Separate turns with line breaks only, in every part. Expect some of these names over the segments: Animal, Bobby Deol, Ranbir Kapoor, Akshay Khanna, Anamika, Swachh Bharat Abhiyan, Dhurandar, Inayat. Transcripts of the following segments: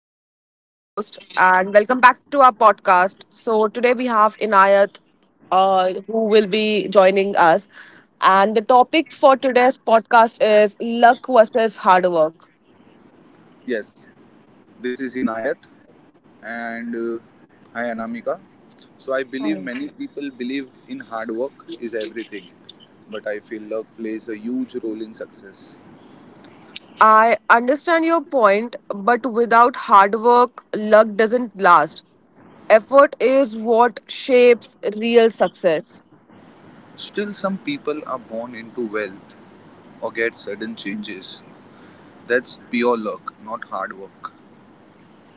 Anamika, your host, and welcome back to our podcast. So, today we have Inayat, who will be joining us. And the topic for today's podcast is luck versus hard work.
Yes, this is Inayat and hi Anamika. So I believe many people believe in hard work is everything, but I feel luck plays a huge role in success.
I understand your point, but without hard work, luck doesn't last. Effort is what shapes real success.
Still some people are born into wealth or get sudden changes. That's pure luck, not hard work.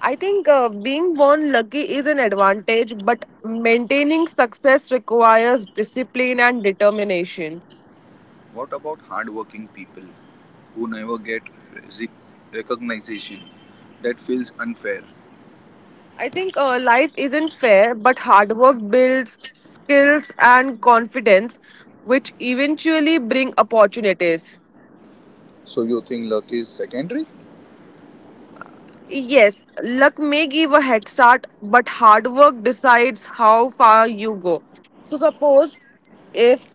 I think being born lucky is an advantage, but maintaining success requires discipline and determination.
What about hardworking people who never get resi- recognition? That feels unfair.
I think life isn't fair, but hard work builds skills and confidence, which eventually bring opportunities.
So you think luck is secondary?
Yes, luck may give a head start, but hard work decides how far you go. So, suppose if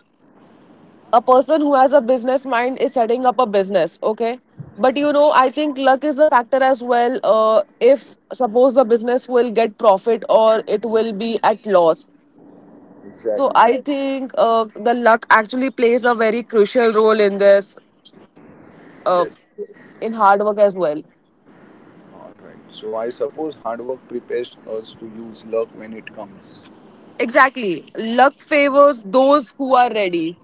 a person who has a business mind is setting up a business, okay, but you know I think luck is the factor as well. If suppose the business will get profit or it will be at loss. So
Exactly.
I think the luck actually plays a very crucial role in this, uh,
Yes.
in hard work as well.
Alright, so I suppose hard work prepares us to use luck when it comes.
Exactly. Luck favors those who are ready.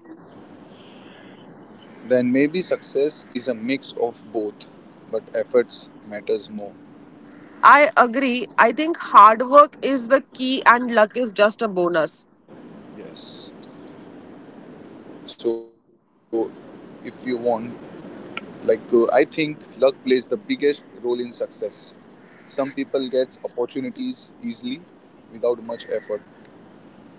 Then maybe success is a mix of both, but efforts matters more.
I agree. I think hard work is the key and luck is just a bonus.
Yes. So if you want, I think luck plays the biggest role in success. Some people get opportunities easily without much effort.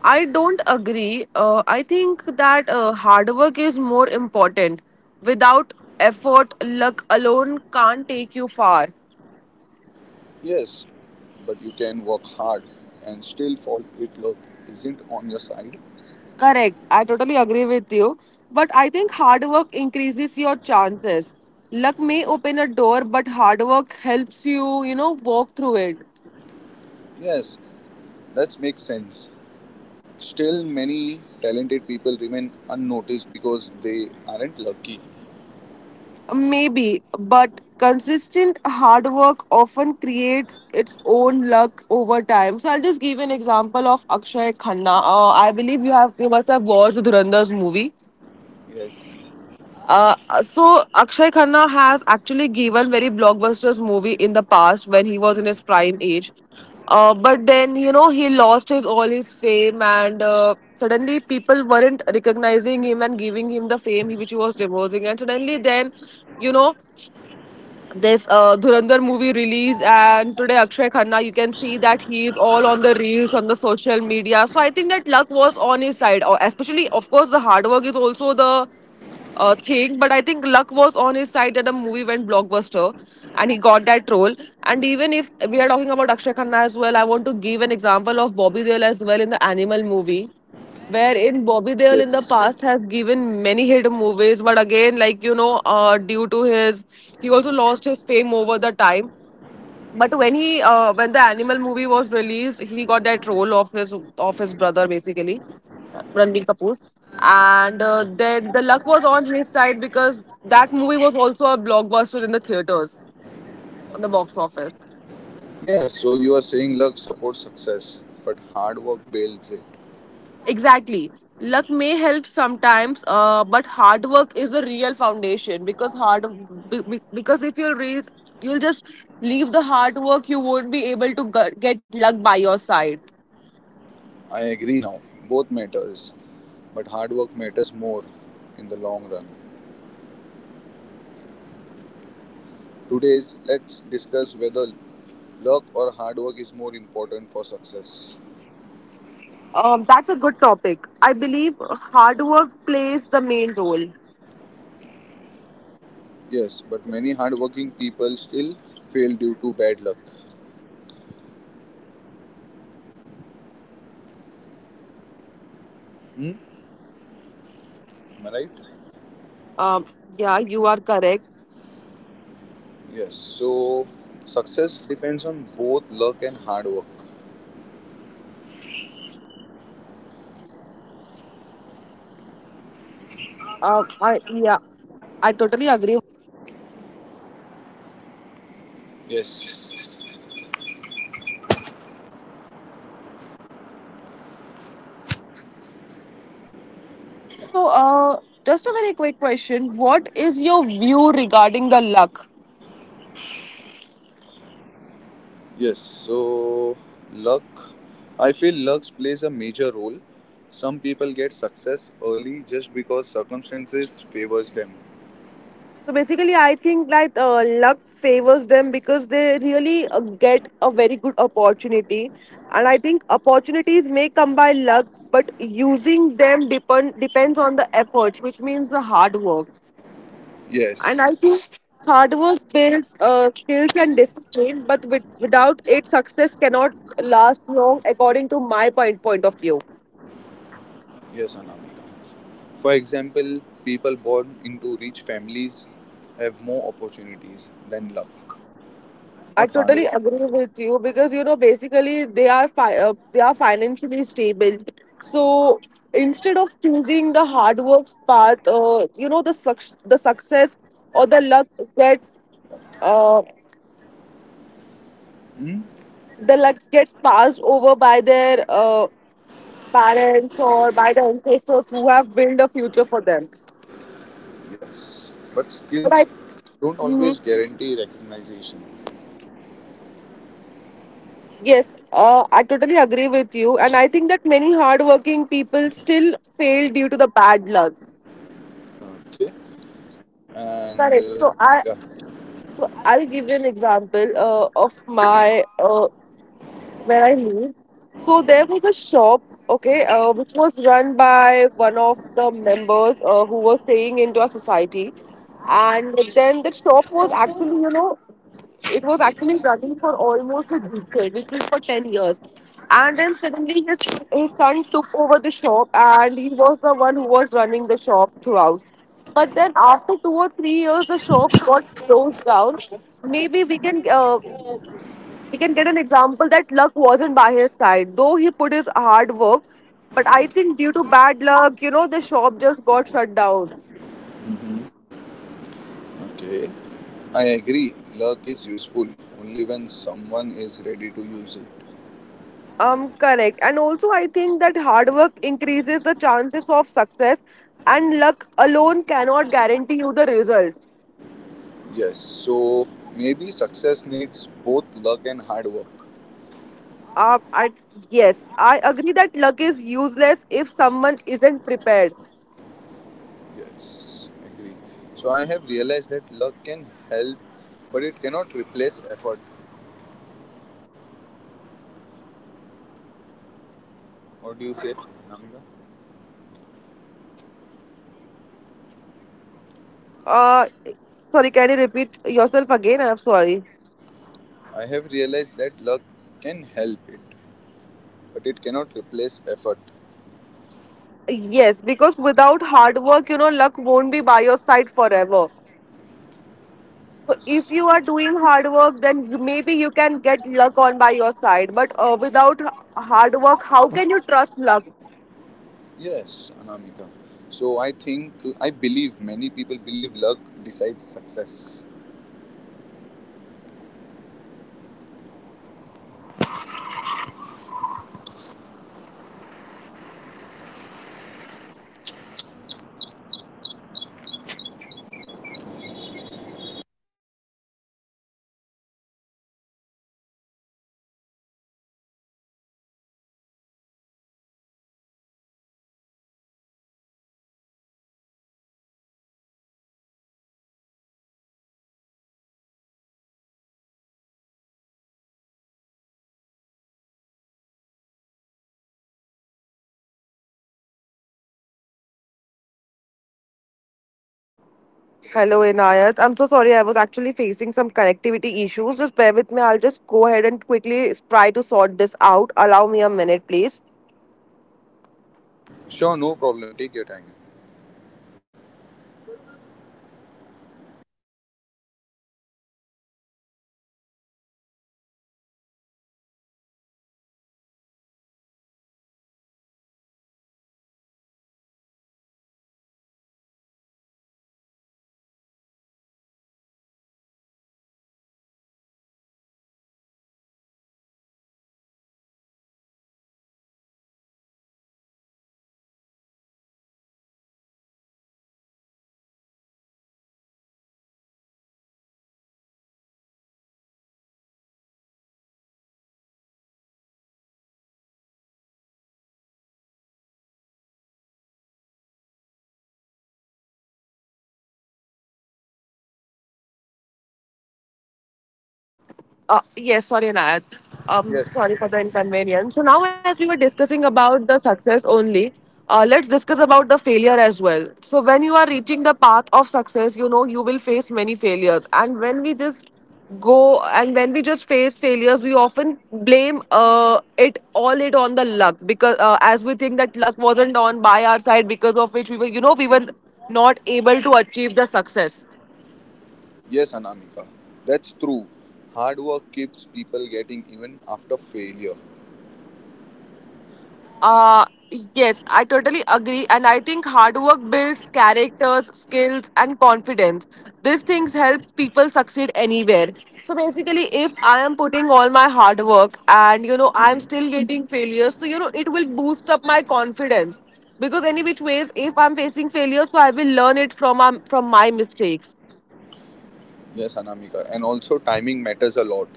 I don't agree. I think that hard work is more important. Without effort, luck alone can't take you far.
Yes, but you can work hard and still fall if luck isn't on your side.
Correct. I totally agree with you. But I think hard work increases your chances. Luck may open a door, but hard work helps you walk through it.
Yes, that makes sense. Still, many talented people remain unnoticed because they aren't lucky.
Maybe, but consistent hard work often creates its own luck over time. So I'll just give an example of Akshay Khanna. I believe you must have watched Dhurandar's movie.
Yes.
So Akshay Khanna has actually given very blockbusters movie in the past when he was in his prime age. But then he lost his all his fame and suddenly people weren't recognizing him and giving him the fame which he was deserving and suddenly then you know this Dhurandhar movie released, and today Akshay Khanna, you can see that he is all on the reels on the social media. So I think that luck was on his side. Or especially of course the hard work is also the thing, but I think luck was on his side that the movie went blockbuster, and he got that role. And even if we are talking about Akshay Khanna as well, I want to give an example of Bobby Deol as well in the Animal movie wherein Bobby Deol in the
Yes.
past has given many hit movies, but again, like, due to his, he also lost his fame over the time. But when he, when the Animal movie was released, he got that role of his brother basically, Ranbir Kapoor, and the luck was on his side because that movie was also a blockbuster in the theaters, on the box office.
Yeah, so you are saying luck supports success, but hard work builds it.
Exactly. Luck may help sometimes, but hard work is the real foundation because because if you'll reach, you'll just leave the hard work, you won't be able to get luck by your side.
I agree now. Both matters, but hard work matters more in the long run. Today's let's discuss whether luck or hard work is more important for success.
That's a good topic. I believe hard work plays the main role.
Yes, but many hardworking people still fail due to bad luck. Hmm? Am I right?
Um, yeah, you are correct.
Yes. So success depends on both luck and hard work.
I, yeah, I totally agree.
Yes.
So, just a very quick question. What is your view regarding the luck?
Yes. So luck, I feel luck plays a major role. Some people get success early just because circumstances favors them.
So basically, I think like luck favors them because they really get a very good opportunity, and I think opportunities may come by luck, but using them depends on the efforts, which means the hard work.
Yes.
And I think hard work builds skills and discipline, but without it, success cannot last long, according to my point of view.
Yes, Anamika. For example, people born into rich families have more opportunities than luck,
I
not hard
totally
work.
agree with you because basically they are financially stable. So instead of choosing the hard work's path, you know the the success or the luck gets uh,
Hmm?
gets passed over by their parents or by the ancestors who have built a future for them.
Yes. But
But
skills
I
don't always
Mhm.
guarantee recognition.
Yes, I totally agree with you, and I think that many hardworking people still fail due to the bad luck.
Okay. and
Correct.
yeah.
So I'll give you an example of my where I live. So there was a shop, okay, which was run by one of the members who was staying into our society, and then the shop was actually, it was actually running for almost a decade, which means for 10 years. And then suddenly his son took over the shop and he was the one who was running the shop throughout. But then after 2 or 3 years, the shop got closed down. Maybe we can get an example that luck wasn't by his side, though he put his hard work. But I think due to bad luck, the shop just got shut down.
Mhm, okay, I agree luck is useful only when someone is ready to use it.
Correct. And also, I think that hard work increases the chances of success, and luck alone cannot guarantee you the results.
Yes, so maybe success needs both luck and hard work.
Uh, I, yes, I agree that luck is useless if someone isn't prepared.
Yes, agree. So I have realized that luck can help, but it cannot replace effort. What do you say, namika?
Uh, sorry, can you repeat yourself again? I'm sorry.
I have realized that luck can help it, but it cannot replace effort.
Yes, because without hard work, luck won't be by your side forever. So if
Yes.
you are doing hard work, then maybe you can get luck on by your side. But without hard work, how can you trust luck?
Yes, Anamika. So I think, I believe many people believe luck decides success.
Hello, Inayat. I'm so sorry. I was actually facing some connectivity issues. Just bear with me. I'll just go ahead and quickly try to sort this out. Allow me a minute, please.
Sure, no problem. Take your time.
Yes, sorry, Nayat. Sorry
Yes,
for the inconvenience. So now, as we were discussing about the success only, let's discuss about the failure as well. So when you are reaching the path of success, you will face many failures, and when we just face failures, we often blame it all it on the luck because as we think that luck wasn't on by our side because of which we were not able to achieve the success.
yes, Anamika. That's true. Hard work keeps people getting even after failure.
Uh, yes, I totally agree. And I think hard work builds characters, skills, and confidence. These things help people succeed anywhere. So basically, if I am putting all my hard work and I'm still getting failures, so it will boost up my confidence. Because any which ways, if I'm facing failure, so I will learn it from my mistakes.
Yes, Anamika. And also, timing matters a lot.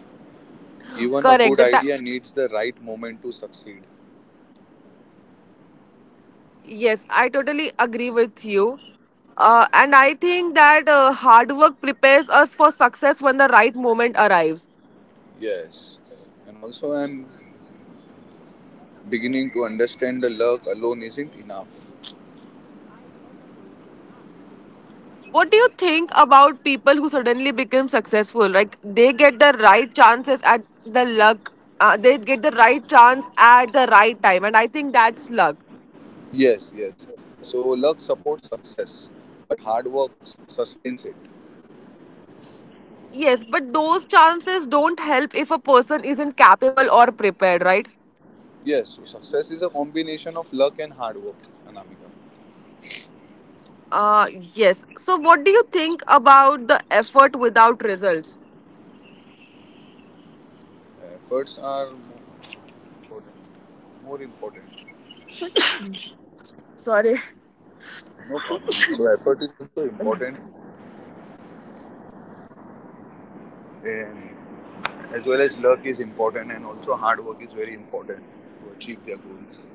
Even a
Correct.
good idea needs the right moment to succeed.
Yes, I totally agree with you. And I think that hard work prepares us for success when the right moment arrives.
Yes. And also, I'm beginning to understand the luck alone isn't enough.
What do you think about people who suddenly become successful? Like they get the right chances at the luck, they get the right chance at the right time. And I think that's luck.
Yes, yes. So luck supports success, but hard work sustains it.
Yes, but those chances don't help if a person isn't capable or prepared, right?
Yes, so success is a combination of luck and hard work, Anamika.
Uh, yes. So, what do you think about the effort without results?
Efforts are more important. More important.
Sorry.
No problem. So
Uh,
effort is also important, and as well as luck is important, and also hard work is very important to achieve their goals.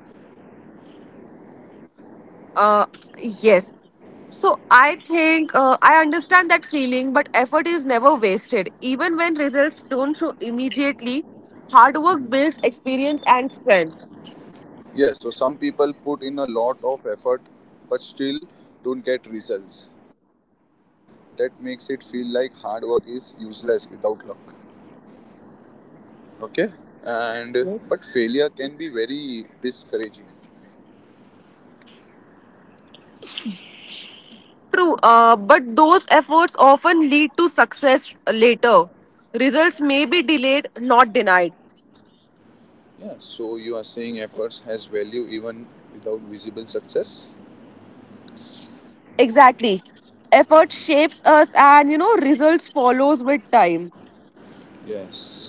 yes. So I think I understand that feeling, but effort is never wasted. Even when results don't show immediately, hard work builds experience and strength.
Yes, so some people put in a lot of effort but still don't get results. That makes it feel like hard work is useless without luck. Okay? And but failure
Yes.
can be very discouraging.
True, but those efforts often lead to success later. Results may be delayed, not denied.
Yeah, so you are saying efforts has value even without visible success?
Exactly. Effort shapes us and results follows with time.
Yes.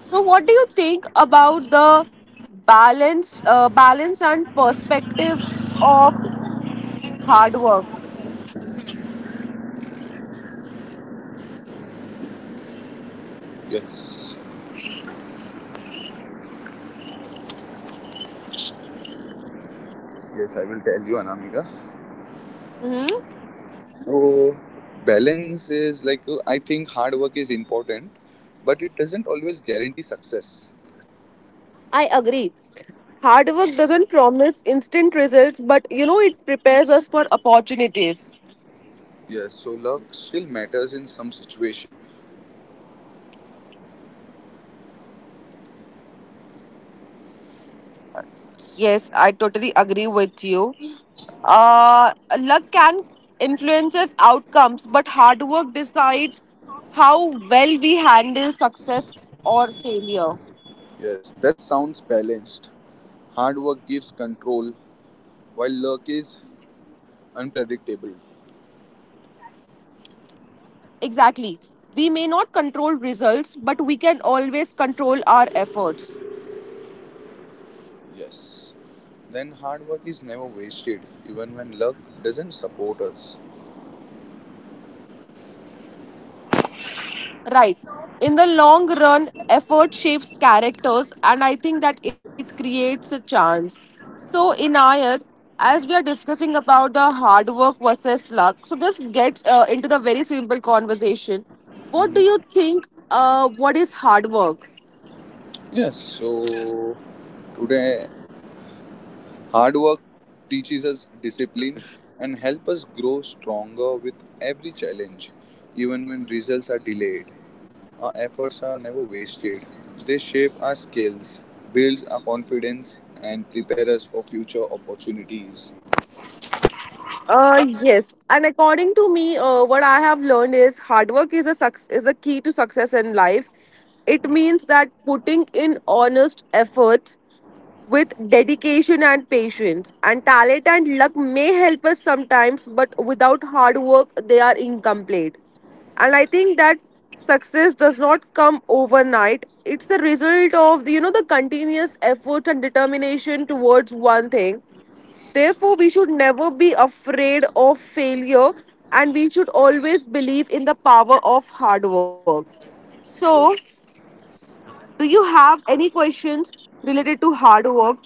So, what do you think about the balance and perspectives of hard work?
Yes. Yes, I will tell you Anamika.
Hmm.
So balance is I think hard work is important but it doesn't always guarantee success.
I agree. Hard work doesn't promise instant results, but it prepares us for opportunities.
Yes, so luck still matters in some situation.
Yes, I totally agree with you. Uh, luck can influences outcomes, but hard work decides how well we handle success or failure.
Yes, that sounds balanced. Hard work gives control, while luck is unpredictable.
Exactly. We may not control results, but we can always control our efforts.
Yes. Then hard work is never wasted, even when luck doesn't support us.
Right. In the long run, effort shapes characters, and I think that it creates a chance. So, Inayat, as we are discussing about the hard work versus luck, so this gets into the very simple conversation. What do you
Mhm.
think? What is hard work?
Yes, so today hard work teaches us discipline and help us grow stronger with every challenge, even when results are delayed. Our efforts are never wasted. They shape our skills, builds our confidence, and prepare us for future opportunities.
Yes, and according to me, what I have learned is hard work is is a key to success in life. It means that putting in honest efforts with dedication and patience, and talent and luck may help us sometimes, but without hard work, they are incomplete. And I think that success does not come overnight. It's the result of the continuous effort and determination towards one thing. Therefore, we should never be afraid of failure and we should always believe in the power of hard work. So,
Yes.
do you have any questions related to hard work?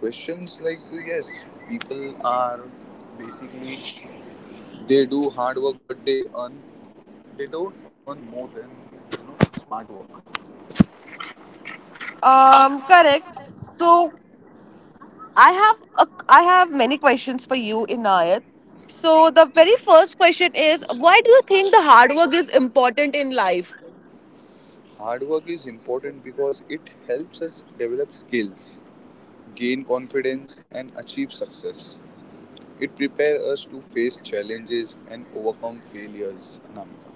Questions like yes, people are basically they do hard work, but they earn they don't earn more than smart work.
Correct. So, I have many questions for you, Inayat. So, the very first question is why do you think the hard work is important in life?
Hard work is important because it helps us develop skills, gain confidence, and achieve success. It prepares us to face challenges and overcome failures. Anamika.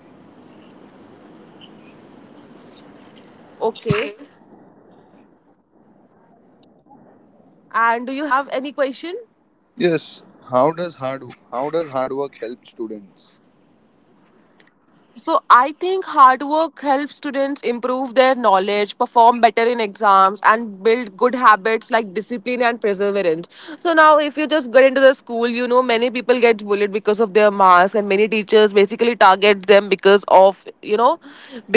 Okay. And do you have any question?
Yes. How does hard how does hard work help students?
So I think hard work helps students improve their knowledge, perform better in exams, and build good habits like discipline and perseverance. So now, if you just get into the school, you know many people get bullied because of their marks, and many teachers basically target them because of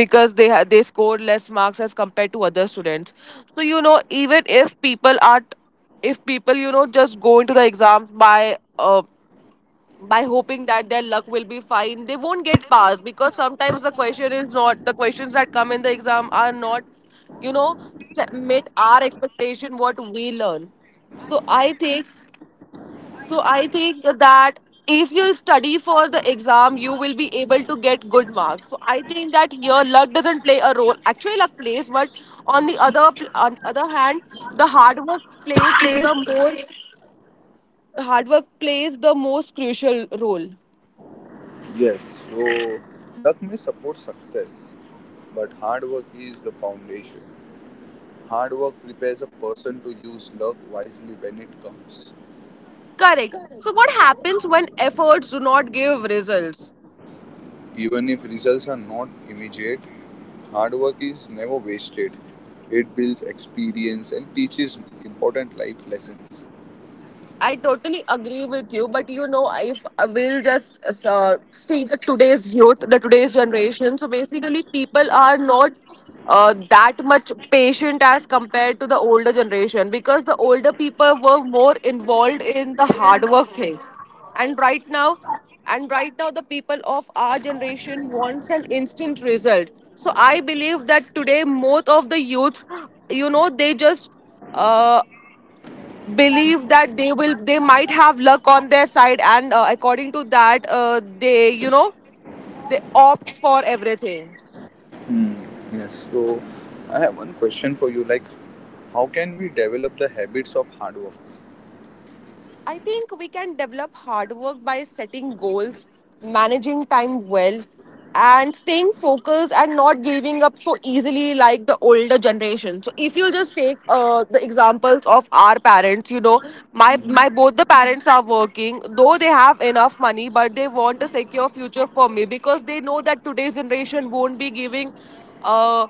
they score less marks as compared to other students. So you know even if people are if people you know just go into the exams by hoping that their luck will be fine, they won't get passed because sometimes the question is not the questions that come in the exam are not you know meet our expectation what we learn. so i think so I think that if you study for the exam, you will be able to get good marks. So I think that here luck doesn't play a role. Actually luck plays, but on other hand the hard work plays. the more the hard work plays the most crucial role.
Yes. So luck may support success, but hard work is the foundation. Hard work prepares a person to use luck wisely when it comes.
Correct. So, what happens when efforts do not give results?
Even if results are not immediate, hard work is never wasted. It builds experience and teaches important life lessons.
I totally agree with you, but you know, if I will just state the today's youth, the today's generation. So basically, people are not that much patient as compared to the older generation because the older people were more involved in the hard work thing, and right now, and right now, the people of our generation wants an instant result. So I believe that today, most of the youths, they just uh, believe that they might have luck on their side and according to that they you know they opt for everything.
Hmm. Yes. So, I have one question for you. Like, how can we develop the habits of hard work?
I think we can develop hard work by setting goals, managing time well, and staying focused and not giving up so easily like the older generation. So if you just take the examples of our parents, you know, my
Mhm.
both the parents are working, though they have enough money, but they want a secure future for me because they know that today's generation won't be giving uh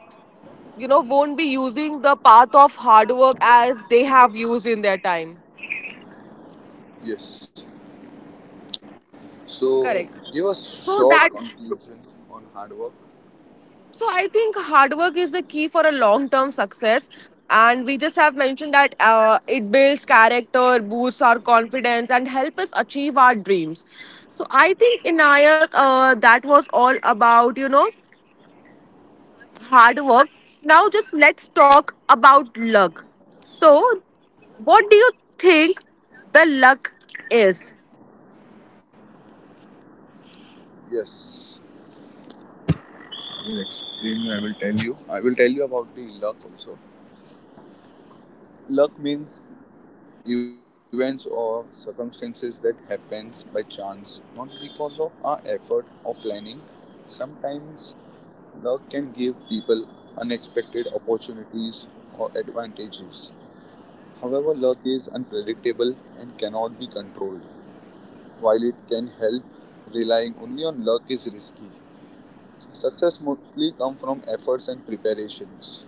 you know won't be using the path of hard work as they have used in their time.
Yes. So,
Correct.
give a
So
short
that
conclusion on hard work.
so I think hard work is the key for a long term success. And we just have mentioned that it builds character, boosts our confidence, and help us achieve our dreams. So I think Inayak, that was all about you know hard work. Now just let's talk about luck. So, what do you think the luck is?
Yes. I will explain you. I will tell you about the luck also. Luck means events or circumstances that happens by chance, not because of our effort or planning. Sometimes luck can give people unexpected opportunities or advantages. However, luck is unpredictable and cannot be controlled. While it can help, relying only on luck is risky. Success mostly comes from efforts and preparations.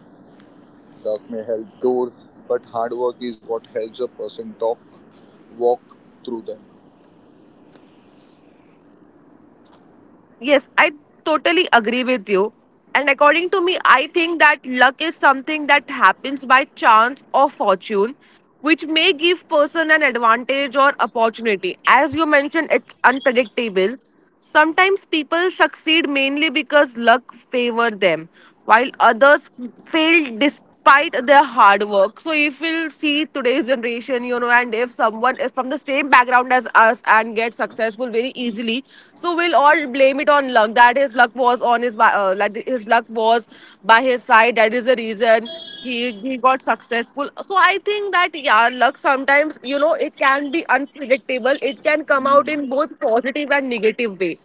Luck may help doors, but hard work is what helps a person walk through them.
Yes, I totally agree with you. And according to me, I think that luck is something that happens by chance or fortune, which may give person an advantage or opportunity. As you mentioned, it's unpredictable. Sometimes people succeed mainly because luck favor them, while others failed despite their hard work. So if we'll see today's generation, you know, and if someone is from the same background as us and get successful very easily, so we'll all blame it on luck. That his luck was on his like his luck was by his side. That is the reason. He got successful. So I think that yeah luck sometimes you know it can be unpredictable. It can come out
Mhm,
in both positive and negative way.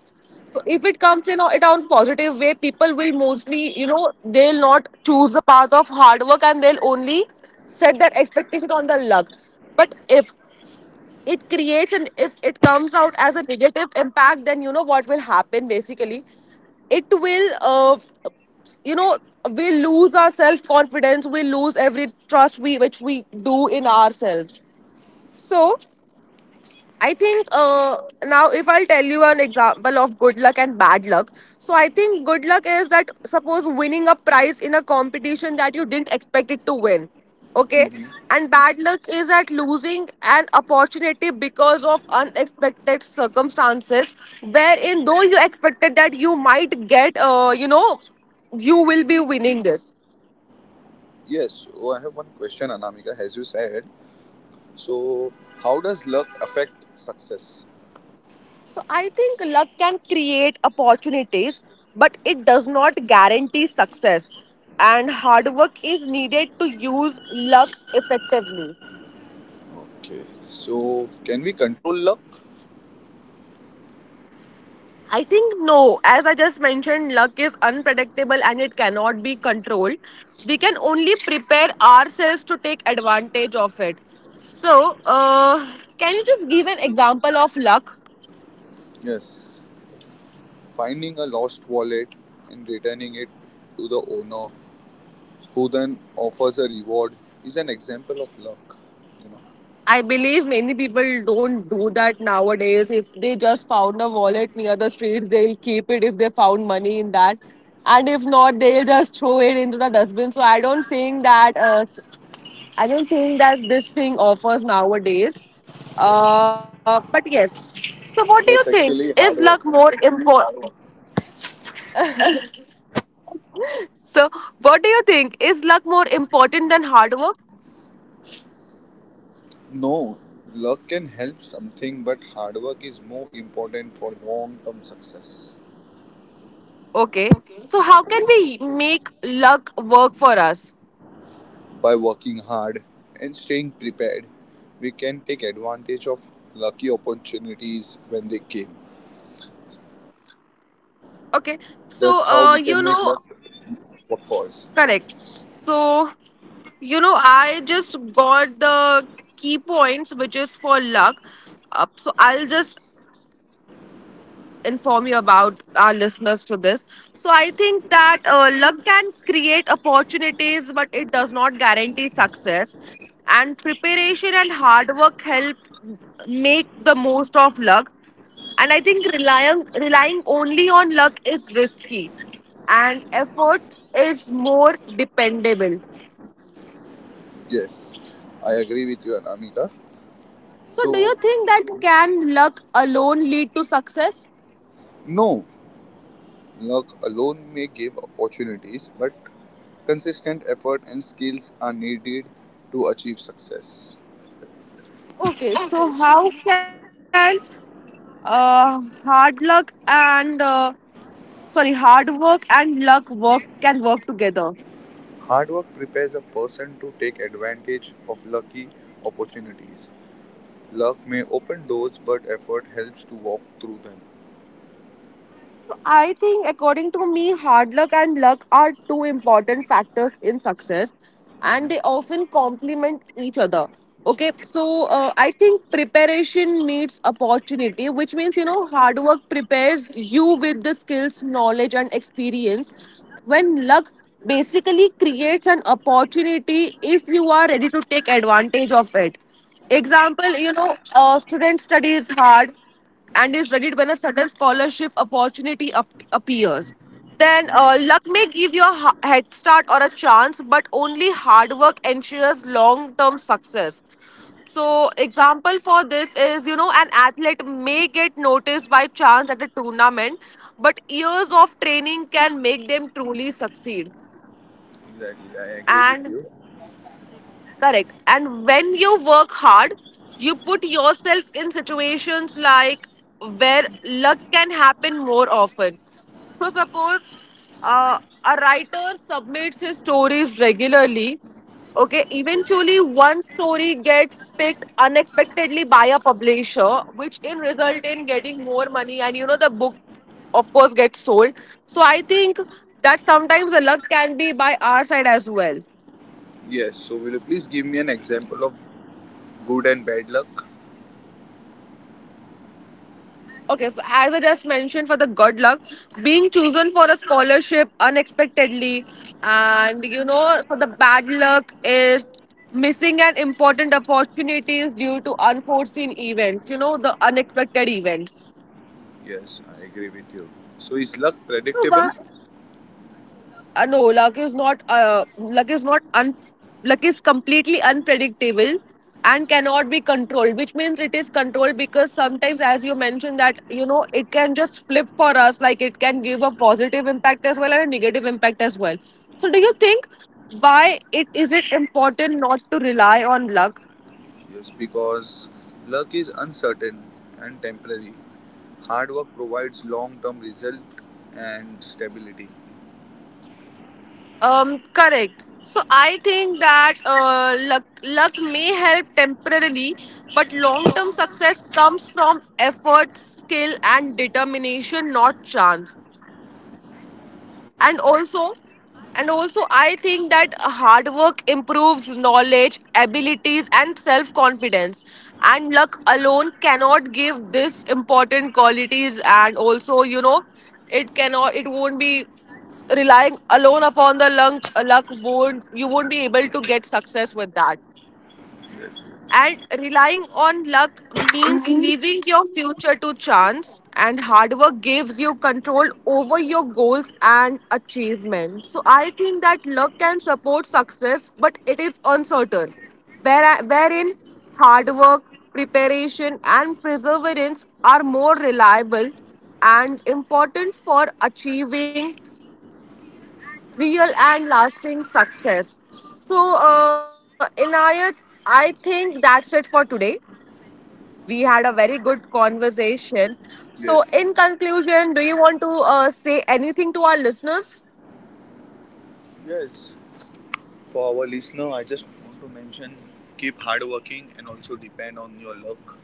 So if it comes in a town's positive way, people will mostly, you know, they'll not choose the path of hard work and they'll only set that expectation on the luck. But if it creates and if it comes out as a negative impact, then you know what will happen basically. It will, you know, we lose our self confidence, we lose every trust we which we do in ourselves. So, I think now if I'll tell you an example of good luck and bad luck. So I think good luck is that suppose winning a prize in a competition that you didn't expect it to win. Okay.
mhm.
And bad luck is that losing an opportunity because of unexpected circumstances wherein though you expected that you might get you know you will be winning this.
Yes, oh, I have one question, Anamika. As you said, so how does luck affect success?
So I think luck can create opportunities, but it does not guarantee success. And hard work is needed to use luck effectively.
Okay, so can we control luck?
I think no, as I just mentioned, luck is unpredictable and it cannot be controlled. We can only prepare ourselves to take advantage of it. So, can you just give an example of luck?
Yes, finding a lost wallet and returning it to the owner, who then offers a reward, is an example of luck. You know,
I believe many people don't do that nowadays. If they just found a wallet near the street, they'll keep it if they found money in that. And if not, they'll just throw it into the dustbin. So I don't think that this thing offers nowadays.
yes,
But yes. So, what do you think?
that's
Is
actually
luck
hard
more
work.
important? So, what do you think? Is luck more important than hard work?
No, luck can help something, but hard work is more important for long term success.
Okay. So, how can we make luck work for us?
By working hard and staying prepared, we can take advantage of lucky opportunities when they came. That's how
Okay,
we can make
so
luck
you know,
work for us.
correct. So you know, I just got the key points, which is for luck. So I'll just inform you about our listeners to this. So I think that luck can create opportunities, but it does not guarantee success. And preparation and hard work help make the most of luck. And I think relying only on luck is risky, and effort is more dependable.
Yes, I agree with you, Anamika.
So,
So,
do you think that can luck alone lead to success?
no, luck alone may give opportunities, but consistent effort and skills are needed to achieve success.
Okay, so how can uh, hard luck and uh, hard work and luck work can work together?
Hard work prepares a person to take advantage of lucky opportunities. Luck may open doors, but effort helps to walk through them.
So I think, according to me, hard luck and luck are two important factors in success, and
Mhm.
they often complement each other. Okay, so I think preparation meets opportunity, which means you know hard work prepares you with the skills, knowledge, and experience. When luck basically creates an opportunity, if you are ready to take advantage of it. Example, you know, student studies hard and is ready when a sudden scholarship appears. Then luck may give you a head start or a chance, but only hard work ensures long term success. So, example for this is you know an athlete may get noticed by chance at a tournament, but years of training can make them truly succeed.
Exactly, I agree with
And
you.
correct. And when you work hard, you put yourself in situations like where luck can happen more often. So, suppose uh, a writer submits his stories regularly. Okay,
Okay.
eventually one story gets picked unexpectedly by a publisher, which in result in getting more money, and you know the book, of course, gets sold. So I think that sometimes the luck can be by our side as well.
Yes, so will you please give me an example of good and bad luck?
Okay, so as I just mentioned for the good luck, being chosen for a scholarship unexpectedly, and you know, for the bad luck is missing an important opportunities due to unforeseen events, you know, the unexpected events.
Yes, I agree with you. So, is luck
So,
predictable?
no luck is completely unpredictable and cannot be controlled, which means it is controlled because sometimes as you mentioned that you know it can just flip for us, like it can give a positive impact as well and a negative impact as well. So do you think why it important not to rely on luck?
Yes, because luck is uncertain and temporary. Hard work provides long term result and stability.
Correct. So I think that luck may help temporarily, but long term success comes from effort, skill, and determination, not chance. and also and also I think that hard work improves knowledge abilities and self confidence, and luck alone cannot give this important qualities. And also you know it won't be relying alone upon the luck, luck won't, you won't be able to get success with that.
Yes, yes.
And relying on luck means leaving your future to chance, and hard work gives you control over your goals and achievement. So I think that luck can support success, but it is uncertain. Wherein hard work, preparation, and perseverance are more reliable and important for achieving real and lasting success. So, Inayat, I think that's it for today. We had a very good conversation. So, in
Yes.
conclusion, do you want to say anything to our listeners?
Yes. For our listener, I just want to mention keep hard working and also depend on your luck.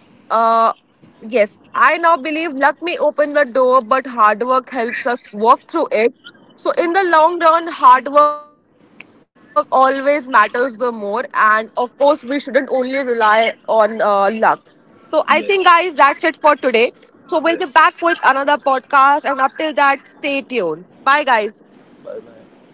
Uh, yes, I now believe luck may open the door, but hard work helps us walk through it. So, in the long run, hard work always matters the more. And of course, we shouldn't only rely on luck. So, I think, guys, that's it for
Yes.
today. So, we'll be back with another podcast. And
Yes.
up till that, stay tuned. Bye, guys.
Bye bye.